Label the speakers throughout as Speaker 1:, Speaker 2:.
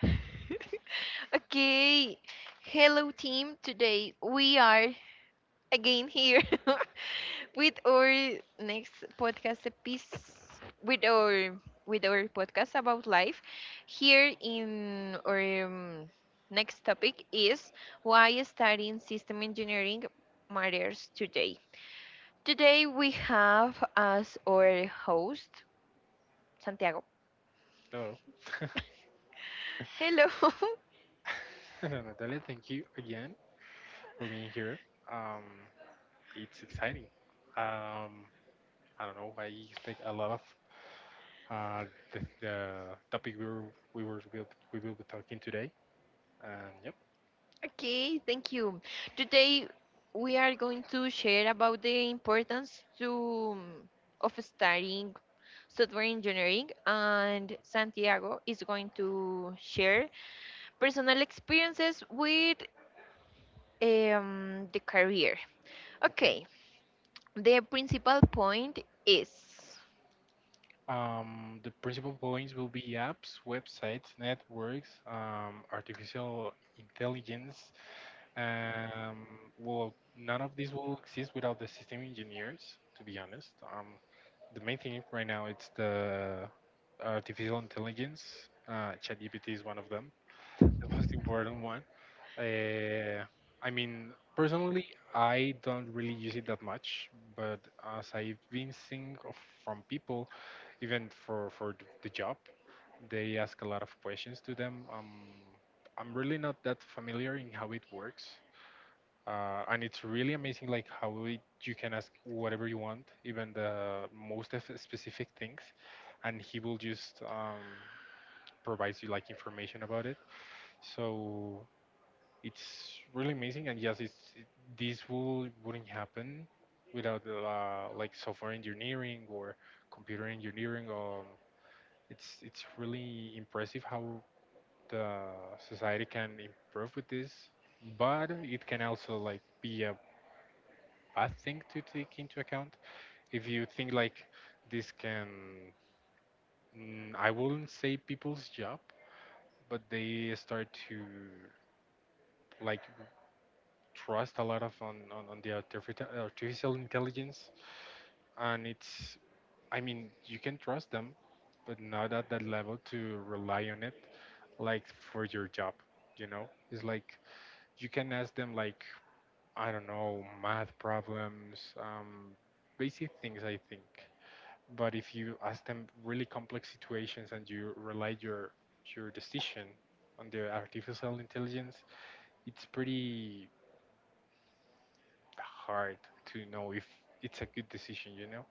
Speaker 1: Okay. Hello, team. Today we are again here with our next podcast piece with our podcast about life. Here in our next topic is why studying system engineering matters today. Today we have as our host Santiago.
Speaker 2: No.
Speaker 1: Hello.
Speaker 2: No, Natalia, thank you again for being here. Um, it's exciting. Um, I don't know. I expect a lot of uh, the topic we were will- we will be talking today. And yep,
Speaker 1: Okay, thank you. Today we are going to share about the importance to of studying software engineering, and Santiago is going to share personal experiences with the career.
Speaker 2: okay.
Speaker 1: Okay, the principal point is
Speaker 2: The principal points will be apps, websites, networks, artificial intelligence. Um, well, none of this will exist without the system engineers, to be honest. The main thing right now it's the artificial intelligence. ChatGPT is one of them, the most important one. Uh, I mean, personally, I don't really use it that much, but as I've been from people, even for the job, they ask a lot of questions to them. I'm really not that familiar in how it works, and it's really amazing like how it, you can ask whatever you want, even the most of specific things, and he will just provides you like information about it, so it's really amazing. And yes, it's this will wouldn't happen without like software engineering or computer engineering. It's really impressive how the society can improve with this, but it can also like be a bad thing to take into account. If you think like this can, I wouldn't say people's job, but they start to like trust a lot of on the artificial intelligence, and it's, I mean, you can trust them, but not at that level to rely on it, like for your job. You know, it's like you can ask them like, I don't know, math problems, basic things I think. But if you ask them really complex situations and you rely your decision on the artificial intelligence, it's pretty hard to know if it's a good decision, you know.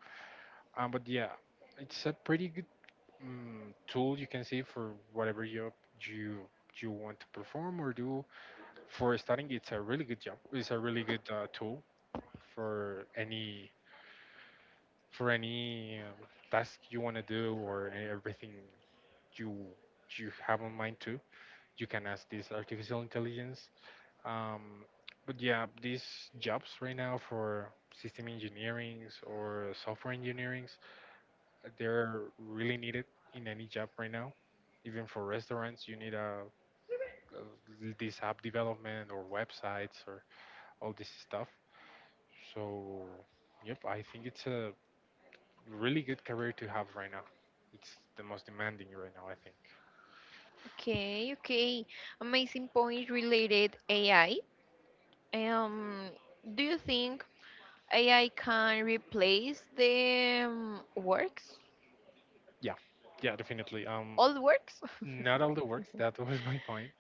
Speaker 2: But yeah, it's a pretty good tool you can say for whatever job you you want to perform or do. For starting, it's a really good job. It's a really good tool for any for any task you want to do, or everything you you have on mind too. You can ask this artificial intelligence. Um, but yeah, these jobs right now for system engineerings or software engineerings, they're really needed in any job right now. Even for restaurants, you need a this app development or websites or all this stuff. So, yep, I think it's a really good career to have right now. It's the most demanding right now, I think.
Speaker 1: okay, okay, amazing point related AI. Um, do you think AI can replace the works?
Speaker 2: Yeah, yeah, definitely.
Speaker 1: All works.
Speaker 2: Not all the works. That was my point.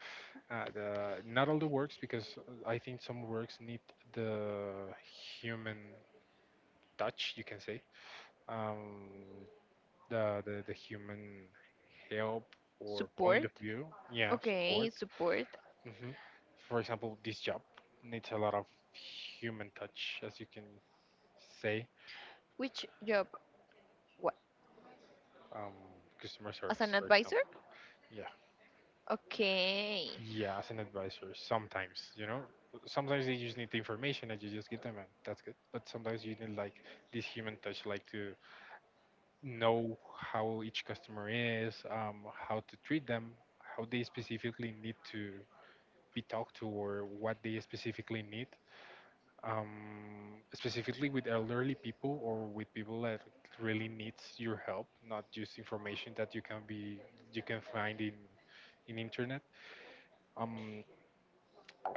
Speaker 2: Not all the works, because I think some works need the human touch. You can say um, the human help or point
Speaker 1: Support,
Speaker 2: of view. Yeah,
Speaker 1: okay,
Speaker 2: support.
Speaker 1: support.
Speaker 2: Hmm. For example, this job needs a lot of human touch, as you can say.
Speaker 1: Which job? What?
Speaker 2: um, Customer
Speaker 1: As
Speaker 2: service.
Speaker 1: an advisor.
Speaker 2: Yeah.
Speaker 1: Okay,
Speaker 2: Yeah, as an advisor, sometimes, you know, sometimes they just need the information and you just give them, and that's good. But sometimes you need like this human touch, like to know how each customer is, how to treat them, how they specifically need to be talked to, or what they specifically need. Specifically with elderly people or with people that really needs your help, not just information that you can be you can find in internet. Um,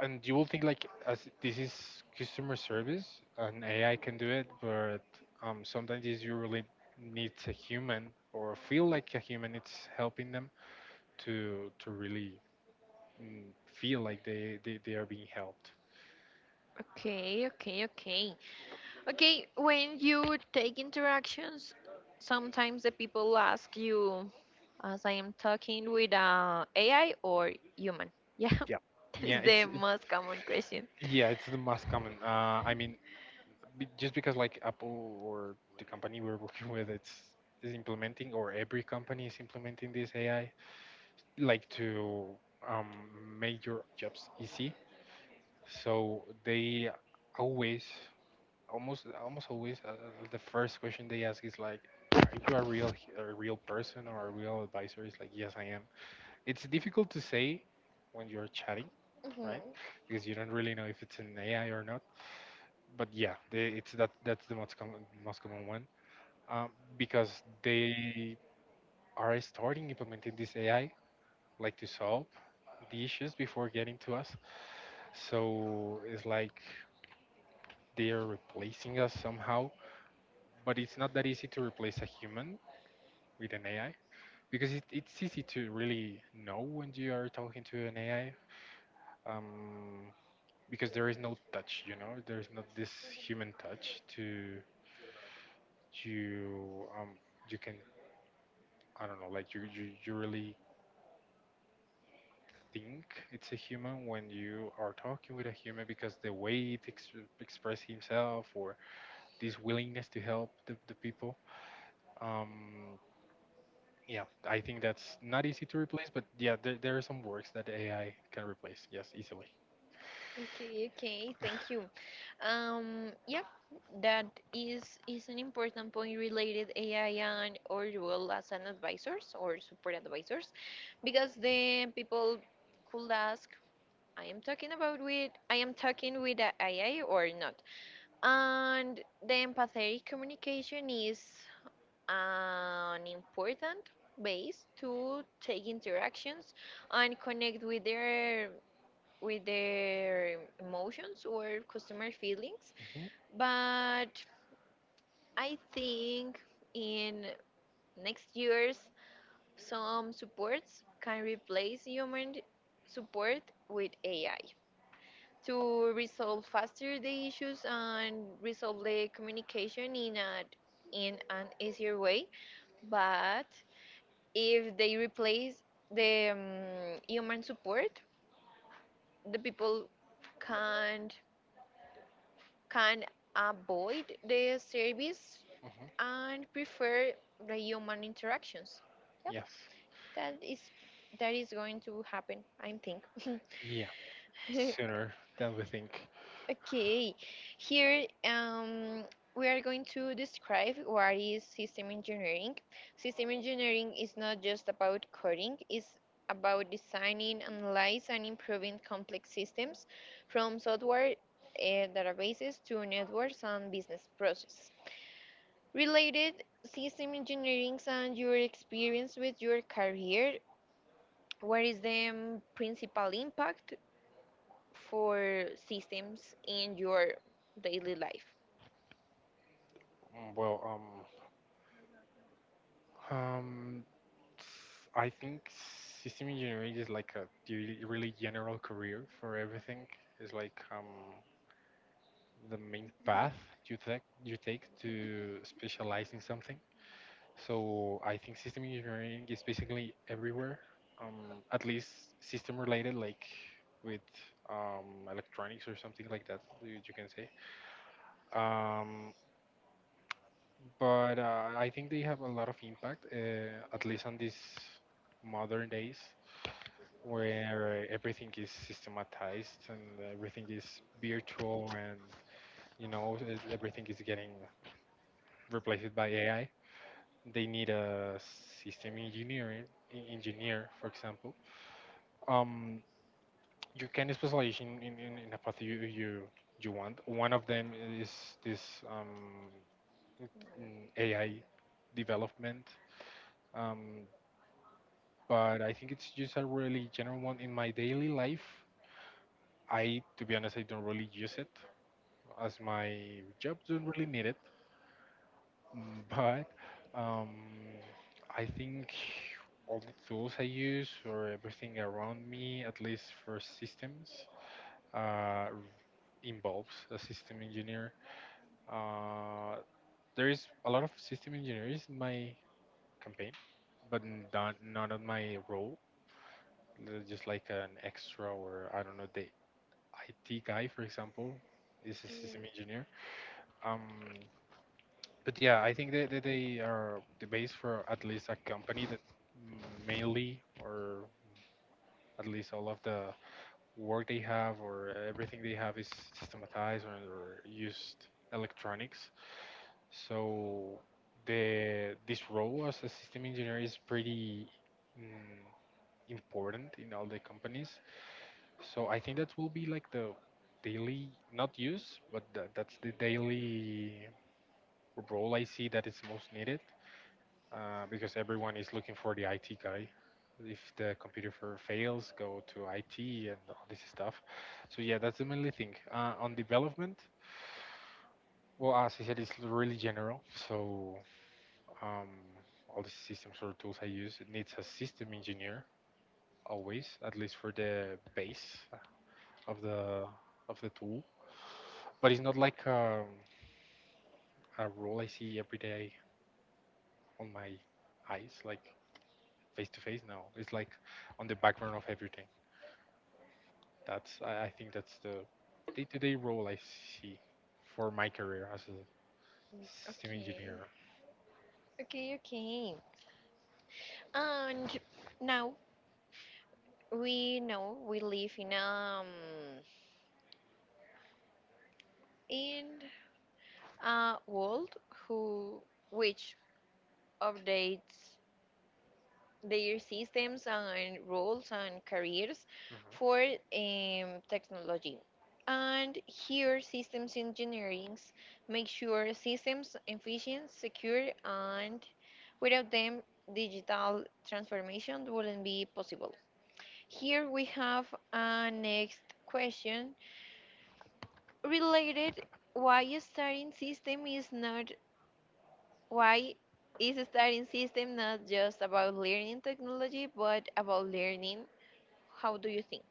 Speaker 2: and you will think like, as this is customer service and AI can do it, but sometimes is you really need a human or feel like a human. It's helping them to really feel like they are being helped.
Speaker 1: okay, okay, okay, okay. When you take interactions, sometimes the people ask you, as I am talking with AI or human? Yeah.
Speaker 2: Yeah.
Speaker 1: That is
Speaker 2: Yeah, it's
Speaker 1: the
Speaker 2: it,
Speaker 1: most common question.
Speaker 2: yeah, it's the most common. I mean, just because like Apple or the company we're working with, it's is implementing, or every company is implementing this AI like to um, make your jobs easy. So they always, almost always, the first question they ask is like, "Are you a real, a real person or a real advisor?" It's like, "Yes, I am." It's difficult to say when you're chatting, right?
Speaker 1: Mhm.
Speaker 2: Because you don't really know if it's an AI or not. But yeah, it's that. That's the most common one, um, because they are starting implementing this AI like to solve the issues before getting to us. So it's like they are replacing us somehow. But it's not that easy to replace a human with an AI because it's easy to really know when you are talking to an AI, um, because there is no touch, you know, there's not this human touch to you. You can, I don't know, like you really think it's a human when you are talking with a human because the way it expresses himself or this willingness to help the people. Um, Yeah, I think that's not easy to replace, but yeah, there are some works that AI can replace. Yes, easily.
Speaker 1: Okay, okay, thank you. Yep, that is an important point related AI and or role as an advisors or support advisors, because then people could ask, I am talking about with I am talking with a AI or not, and the empathetic communication is an important base to take interactions and connect with their emotions or customer feelings.
Speaker 2: Hmm.
Speaker 1: But I think in next years, some supports can replace human support with AI to resolve faster the issues and resolve the communication in a in an easier way. But if they replace the human support, the people can't can avoid the service
Speaker 2: Hmm.
Speaker 1: and prefer the human interactions. Yep,
Speaker 2: Yes.
Speaker 1: that is that is going to happen, I think.
Speaker 2: Yeah, sooner than we think.
Speaker 1: Okay, here we are going to describe what is system engineering. System engineering is not just about coding. It's about designing, analyzing, and improving complex systems, from software uh, databases to networks and business process. Related system engineering and your experience with your career, what is the principal impact for systems in your daily life?
Speaker 2: Well, um, um, I think system engineering is like a really, really general career for everything. It's like the main path you take to specialize in something. So I think system engineering is basically everywhere, at least system related, like with electronics or something like that, you can say. Um, but I think they have a lot of impact, at least on these modern days, where everything is systematized and everything is virtual, and you know everything is getting replaced by AI. They need a system engineering engineer, for example. um, you can specialize in, in a path you you want. One of them is this um, AI development. um, but I think it's just a really general one in my daily life. To be honest, I don't really use it, as my job don't really need it. But um, I think all the tools I use or everything around me, at least for systems, uh, involves a system engineer. Uh, there is a lot of system engineers in my campaign, but not on my role. They're just like an extra, or I don't know, the IT guy, for example, is a system
Speaker 1: Alright.
Speaker 2: engineer. Um, but yeah, I think that they are the base for at least a company that mainly, or at least all of the work they have, or everything they have is systematized, or used electronics. So the this role as a system engineer is pretty mm, important in all the companies. So I think that will be like the daily not use, but that's the daily role I see that is most needed, because everyone is looking for the IT guy. If the computer for fails, go to IT and all this stuff. So yeah, that's the mainly thing. On development, well, as I said, it's really general. So um, all the systems or tools I use it needs a system engineer always, at least for the base of the of the tool. But it's not like a role I see every day on my eyes, like face to face. No, it's like on the background of everything. That's I think that's the day-to-day role I see for my career as a system engineer.
Speaker 1: Okay, okay, okay. And now we know we live in a world who which updates their systems and roles and careers
Speaker 2: Mhm.
Speaker 1: for technology. And here, systems engineering make sure systems efficient, secure, and without them, digital transformation wouldn't be possible. Here we have a next question related why starting system is not why is studying system not just about learning technology but about learning. How do you think?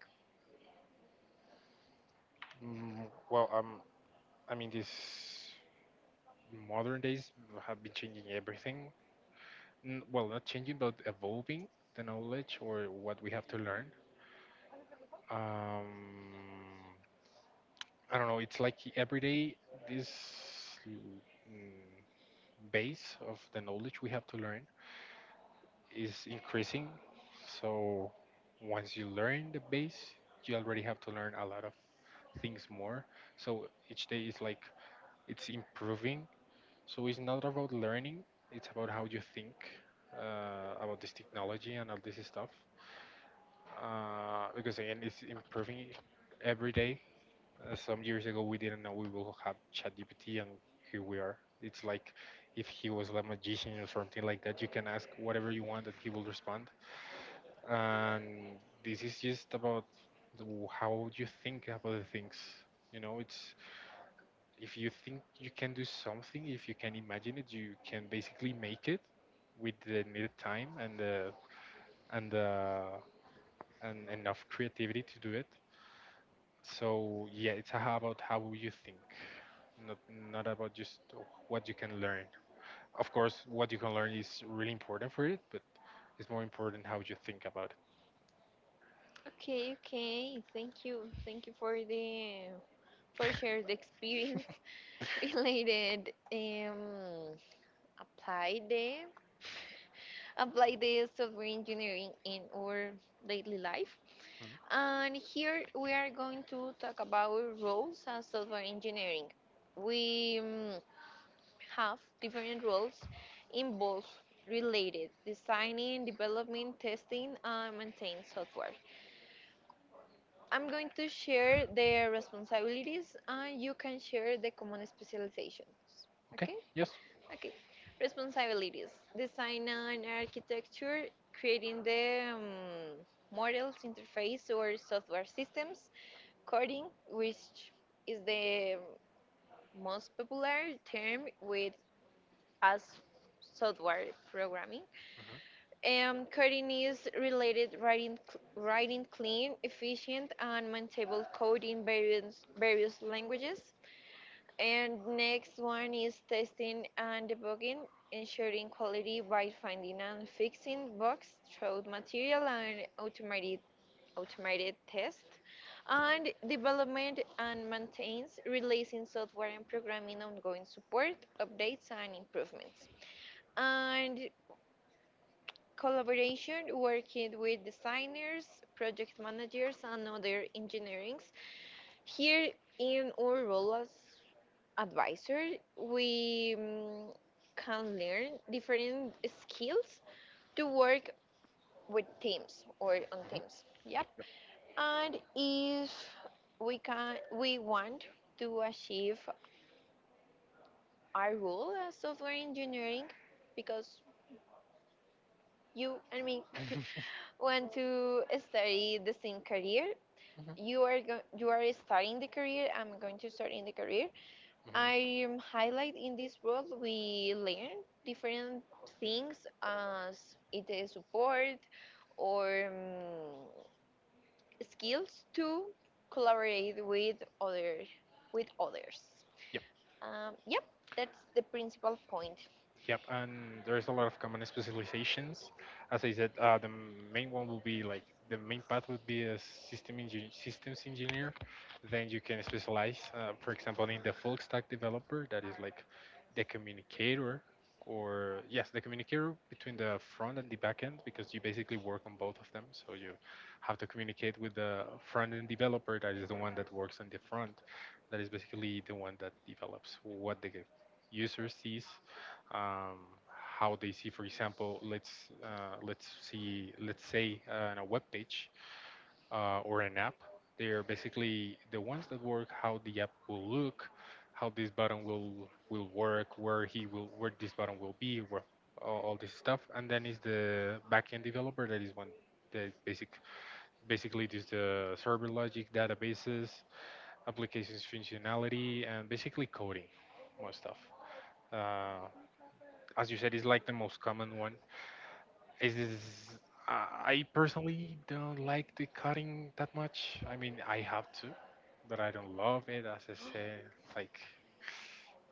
Speaker 2: Well, I mean, these modern days have been changing everything. Well, not changing, but evolving the knowledge or what we have to learn. Um, I don't know. It's like every day this mm, base of the knowledge we have to learn is increasing. So once you learn the base, you already have to learn a lot of things more. So each day is like it's improving. So it's not about learning; it's about how you think about this technology and all this stuff. Because again, it's improving every day. Some years ago, we didn't know we will have ChatGPT, and here we are. It's like if he was like a magician or something like that, you can ask whatever you want and he will respond, and this is just about the, how you think about the things. You know, it's if you think you can do something, if you can imagine it, you can basically make it with the needed time and the and uh, and enough creativity to do it. So yeah, it's how about how you think, not not about just what you can learn. Of course what you can learn is really important for it, but it's more important how you think about it.
Speaker 1: Okay, okay. Thank you. Thank you for the for share the experience related apply the apply the software engineering in our daily life.
Speaker 2: Mhm.
Speaker 1: And here we are going to talk about roles as software engineering. We have different roles involved related designing, development, testing, and maintain software. I'm going to share the responsibilities, and you can share the common specializations.
Speaker 2: Okay,
Speaker 1: Okay?
Speaker 2: yes.
Speaker 1: Okay. Responsibilities: design and architecture, creating the models, interface, or software systems; coding, which is the most popular term with us, software programming.
Speaker 2: Mhm.
Speaker 1: Um, coding is related writing, writing clean, efficient, and maintainable code in various languages. And next one is testing and debugging, ensuring quality by finding and fixing bugs through material and automated test. And development and maintains, releasing software and programming ongoing support, updates, and improvements. And collaboration, working with designers, project managers, and other engineerings. Here in our role as advisor, we can learn different skills to work with teams or on
Speaker 2: Mhm.
Speaker 1: teams. Yep. And if we can, we want to achieve our role as software engineering, because you and me want to study the same career.
Speaker 2: Mhm,
Speaker 1: You are you are starting the career, I'm going to start in the career.
Speaker 2: mhm.
Speaker 1: I highlight in this world we learn different things as it is support or skills to collaborate with other with others. Um, yep, that's the principal point.
Speaker 2: Yep, and there's a lot of common specializations. As I said, main one will be like the main path would be a systems engineer. Then you can specialize, for example, in the full stack developer, that is like the communicator, or yes, the communicator between the front and the back end, because you basically work on both of them. So you have to communicate with the front end developer, that is the one that works on the front, that is basically the one that develops what the user sees, um, how they see. For example, let's say on a web page or an app. They are basically the ones that work how the app will look, how this button will work, where this button will be, where all this stuff. And then is the backend developer, that is one the basically this the server logic, databases, applications functionality, and basically coding, more stuff. Uh, as you said, is like the most common one. Is this, I I personally don't like the cutting that much. I mean, I have to, but I don't love it. As I said, like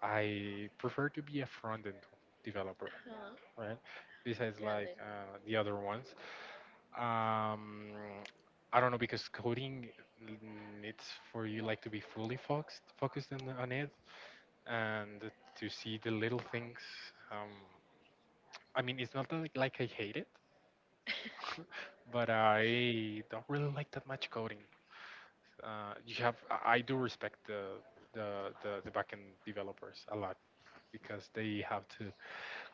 Speaker 2: I prefer to be a front end developer,
Speaker 1: Uh-huh.
Speaker 2: right? Besides like
Speaker 1: Brandon.
Speaker 2: the other ones, um, I don't know, because coding, it's for you like to be fully focused on it and to see the little things. Um, I mean, it's not like, like I hate it but I don't really like that much coding. You have I do respect the the backend developers a lot, because they have to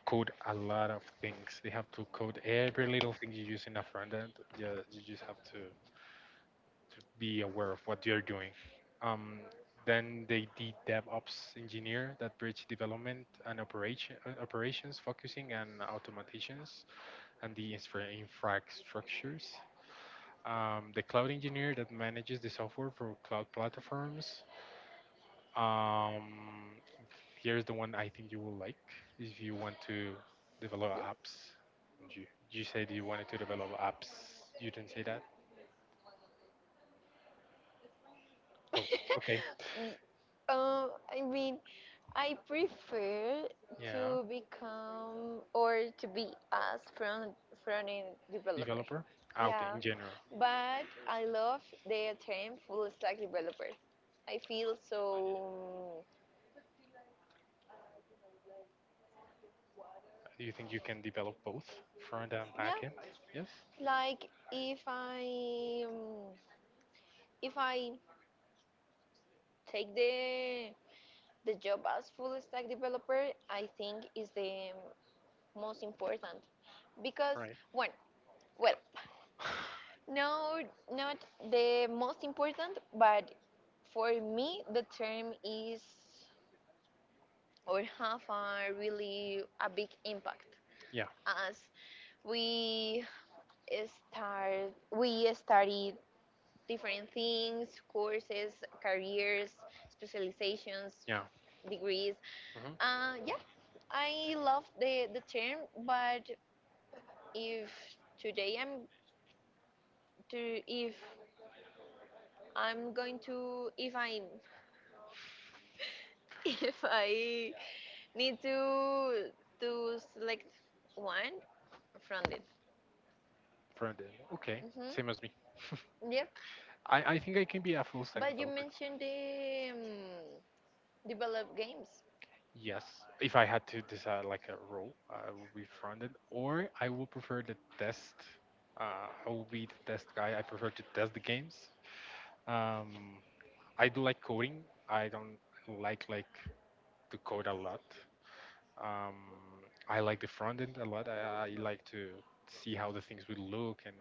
Speaker 2: code a lot of things. They have to code every little thing you use in a front end. You just have to be aware of what you're doing. Um, then the DevOps engineer that bridge development and operations, focusing and automations and the infrastructures. The cloud engineer that manages the software for cloud platforms. Um, Here's the one I think you will like if you want to develop
Speaker 1: You.
Speaker 2: apps. You, you said you wanted to develop apps. You didn't say that? Oh, okay.
Speaker 1: Y- uh, I mean, I prefer
Speaker 2: Yeah.
Speaker 1: to become or to be as front front end developer.
Speaker 2: Developer? Ah, okay,
Speaker 1: Yeah,
Speaker 2: in general.
Speaker 1: but I love the term full stack developer. I feel so.
Speaker 2: Do you think you can develop both front and back end?
Speaker 1: Yeah,
Speaker 2: Yes?
Speaker 1: like if I take the job as full stack developer, I think is the most important, because
Speaker 2: Right.
Speaker 1: one, well, no, not the most important, but for me, the term is or have a really a big impact
Speaker 2: Yeah,
Speaker 1: as we start we study different things, courses, careers, specializations,
Speaker 2: yeah.
Speaker 1: degrees.
Speaker 2: Hmm.
Speaker 1: Yeah, I love the term, but if today I'm to if I if I need to select one from it.
Speaker 2: Front end. Okay.
Speaker 1: Hmm.
Speaker 2: Same as me.
Speaker 1: Yep.
Speaker 2: I think I can be a full stack
Speaker 1: But you
Speaker 2: developer.
Speaker 1: mentioned the develop games.
Speaker 2: Yes, if I had to decide like a role, I will be fronted, or I will prefer the test. I will be the test guy. I prefer to test the games. Um, I do like coding. I don't like to code a lot. Um, I like the front end a lot. I like to see how the things will look and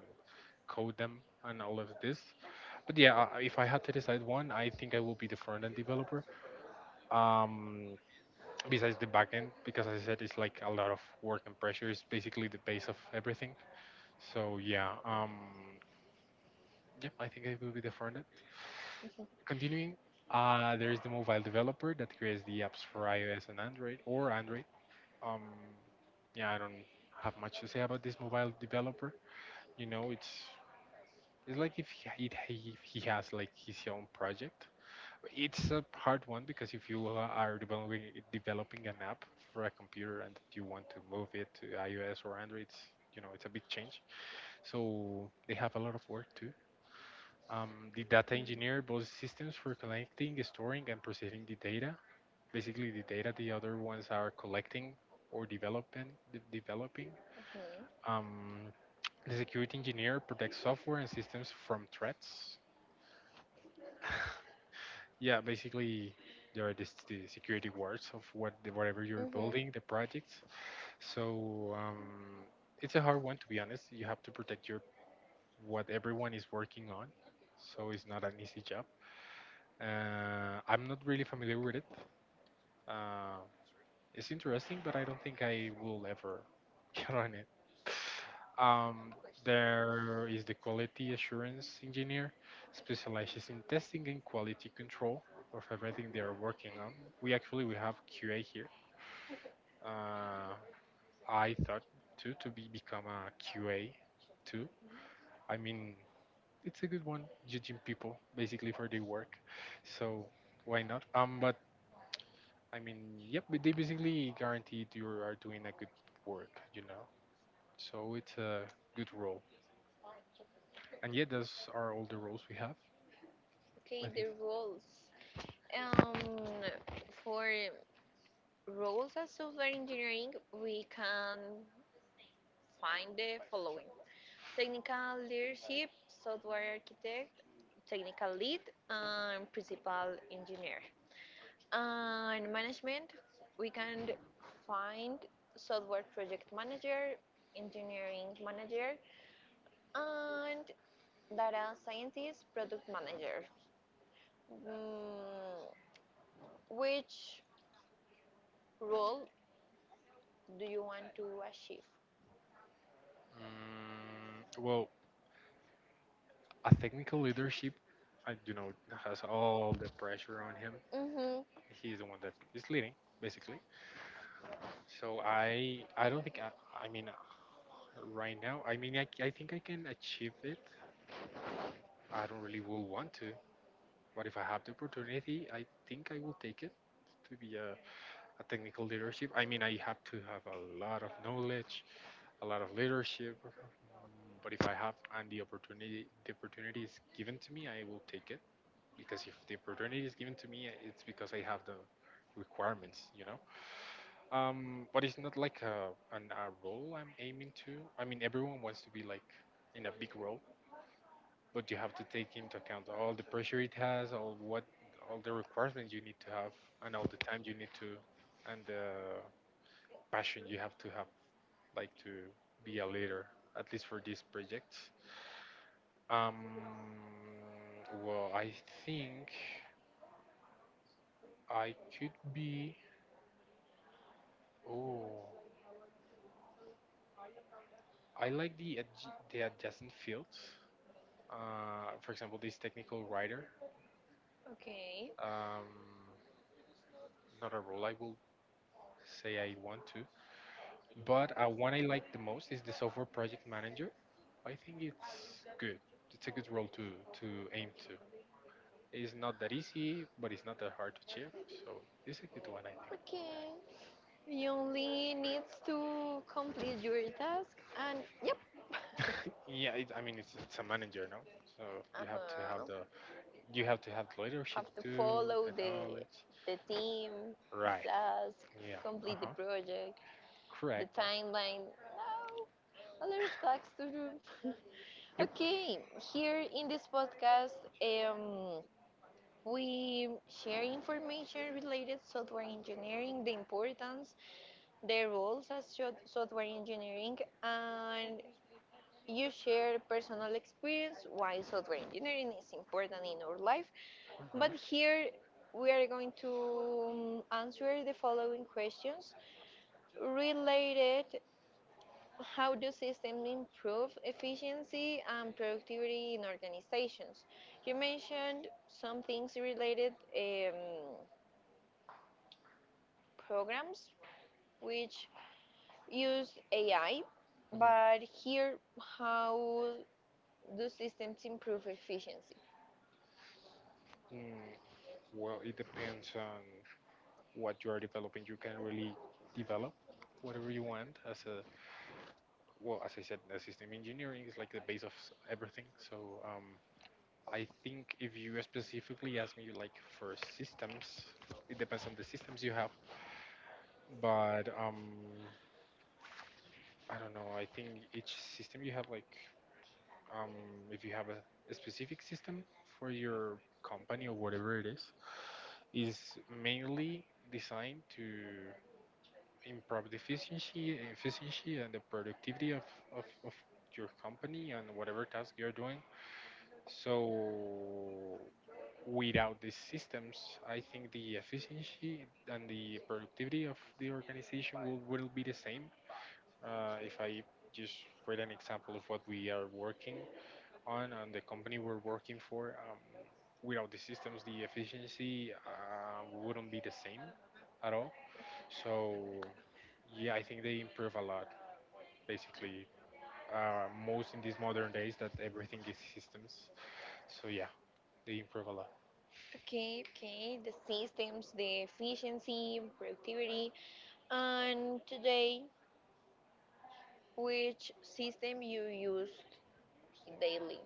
Speaker 2: code them and all of this. But yeah, I- if I had to decide one, I think I will be the front end developer. Um, Besides the backend, because as I said, it's like a lot of work and pressure. It's basically the base of everything, so yeah. Yeah, I think it will be the front end. Continuing, there is the mobile developer that creates the apps for iOS and Android, or Android. um yeah, I don't have much to say about this mobile developer. You know, it's like if if he has like his own project. It's a hard one because if you are developing developing an app for a computer and you want to move it to iOS or Android, it's, you know, it's a big change. So they have a lot of work too. The data engineer builds systems for collecting, storing, and processing the data. Basically, the data the other ones are collecting or developing. Developing.
Speaker 1: Hmm.
Speaker 2: Um, the security engineer protects software and systems from threats. Yeah, basically there are this, the security wards of what the, whatever you're
Speaker 1: Hmm.
Speaker 2: building, the projects. So it's a hard one to be honest. You have to protect your what everyone is working on. So it's not an easy job. I'm not really familiar with it. Uh, it's interesting, but I don't think I will ever get on it. Um, there is the quality assurance engineer, specializes in testing and quality control of everything they are working on. We actually we have QA here. Uh, I thought too to be become a QA too. I mean, it's a good one, judging people basically for their work, so why not? But I mean, yep, but they basically guaranteed you are doing a good work, you know. So it's a good role. And yeah, those are all the roles we have. I
Speaker 1: Okay, the
Speaker 2: think.
Speaker 1: roles. Um, for roles as software engineering, we can find the following: technical leadership, software architect, technical lead, and principal engineer. And management, we can find software project manager, engineering manager, and data scientist, product manager. Mm, which role do you want to achieve?
Speaker 2: Mm, well, a technical leadership, I, you know, has all the pressure on him.
Speaker 1: Mm-hmm.
Speaker 2: He's the one that is leading, basically. So I don't think I mean, right now, I mean, I think I can achieve it. I don't really will want to, but if I have the opportunity, I think I will take it to be a technical leadership. I mean, I have to have a lot of knowledge, a lot of leadership. But if I have and the opportunity is given to me, I will take it. Because if the opportunity is given to me, it's because I have the requirements, you know. But it's not like a role I'm aiming to. I mean, everyone wants to be like in a big role, but you have to take into account all the pressure it has, all what, all the requirements you need to have, and all the time you need to, and passion you have to have like to be a leader, at least for these projects. um well, I think I could be. Oh, I like the adjacent fields. For example, this technical writer.
Speaker 1: Okay.
Speaker 2: um Not a role I will say I want to, but one I like the most is the software project manager. I think it's good. It's a good role to aim to. It's not that easy, but it's not that hard to achieve. So it's a good one, I
Speaker 1: Okay. You only needs to complete your task, and yep.
Speaker 2: think. Yeah, it, I mean, it's a manager, no? So
Speaker 1: Uh
Speaker 2: you have to have the
Speaker 1: huh.
Speaker 2: you have to have the leadership
Speaker 1: Have to
Speaker 2: too,
Speaker 1: follow
Speaker 2: the knowledge.
Speaker 1: the team, the
Speaker 2: Right.
Speaker 1: task,
Speaker 2: Yeah. Uh
Speaker 1: complete the
Speaker 2: huh.
Speaker 1: project, the
Speaker 2: Correct. Yeah.
Speaker 1: timeline, no, a lot of tasks to do.
Speaker 2: Yep.
Speaker 1: Okay, here in this podcast we share information related software engineering, the importance, the roles as software engineering, and you share personal experience why software engineering is important in our life. But here
Speaker 2: Mm-hmm.
Speaker 1: we are going to answer the following questions related how do systems improve efficiency and productivity in organizations? You mentioned some things related programs which use AI, but
Speaker 2: Hmm.
Speaker 1: here how do systems improve efficiency?
Speaker 2: Mm, well, it depends on what you are developing. You can really develop whatever you want as a well, as I said, the system engineering is like the base of everything. So I think if you specifically ask me like for systems, it depends on the systems you have. But I don't know. I think each system you have like, um, if you have a specific system for your company or whatever it is mainly designed to improve the efficiency, efficiency and the productivity of your company and whatever task you're doing. So without these systems, I think the efficiency and the productivity of the organization will be the same. If I just read an example of what we are working on and the company we're working for, without the systems, the efficiency wouldn't be the same at all. So, yeah, I think they improve a lot, basically. Most in these modern days that everything is systems. So, yeah, they improve a lot.
Speaker 1: Okay, okay, the systems, the efficiency, productivity, and today which system you used daily.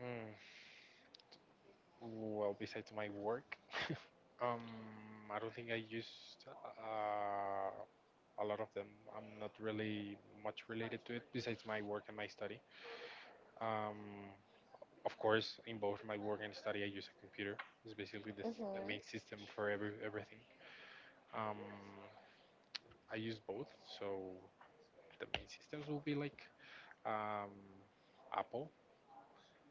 Speaker 2: Hmm. Well, besides my work, um, I don't think I used a lot of them. I'm not really much related to it besides my work and my study. Um, of course, in both my work and study, I use a computer. It's basically the, the
Speaker 1: Mm-hmm.
Speaker 2: main system for every everything. Um, I use both, so the main systems will be like, um, Apple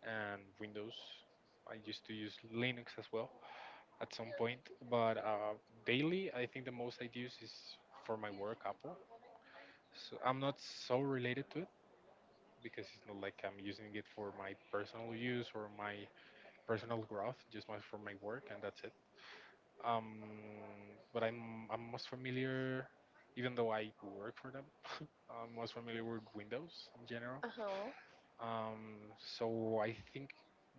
Speaker 2: and Windows. I used to use Linux as well at some point, but daily, I think the most I use is for my work Apple. So I'm not so related to it because it's not like I'm using it for my personal use or my personal growth, just my, for my work, and that's it. Um, but I'm most familiar, even though I work for them, I'm most familiar with Windows in general.
Speaker 1: Uh-huh.
Speaker 2: Um, so I think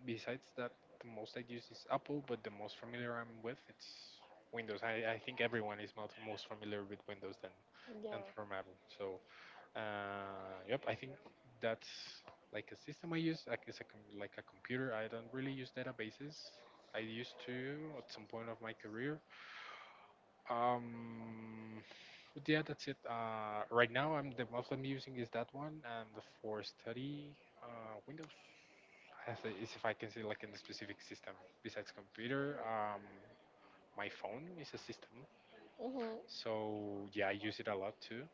Speaker 2: besides that, the most I use is Apple, but the most familiar I'm with it's Windows. I think everyone is not most familiar with Windows than from
Speaker 1: Yeah.
Speaker 2: Apple. So yep, I think that's like a system I use. Like it's a like a computer. I don't really use databases. I used to at some point of my career, um, but yeah, that's it. Right now, I'm the most I'm using is that one, and the for study, Windows. As a, is if I can say like in a specific system besides computer, my phone is a system.
Speaker 1: Mm-hmm.
Speaker 2: So yeah, I use it a lot too.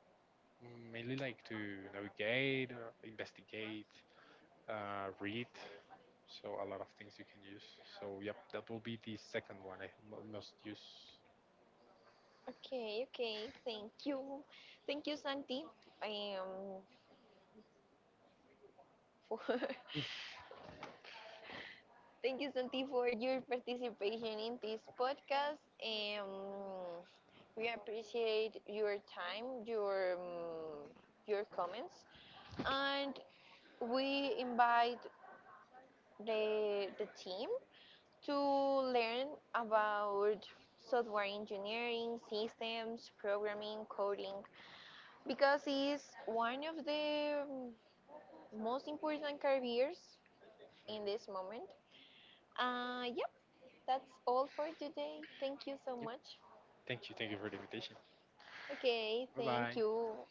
Speaker 2: Mainly like to navigate, investigate, read. So a lot of things you can use. So yep, that will be the second one I most use.
Speaker 1: Okay, okay. Thank you. Thank you, Santi. Um for thank you Santi for your participation in this podcast. We appreciate your time, your comments, and we invite the team to learn about software engineering, systems, programming, coding, because it's one of the most important careers in
Speaker 2: Mm.
Speaker 1: this moment. Yep, that's all for today. Thank you so
Speaker 2: Yep.
Speaker 1: much.
Speaker 2: Thank you. Thank you for the invitation.
Speaker 1: Okay,
Speaker 2: 拜
Speaker 1: thank
Speaker 2: 拜。
Speaker 1: you.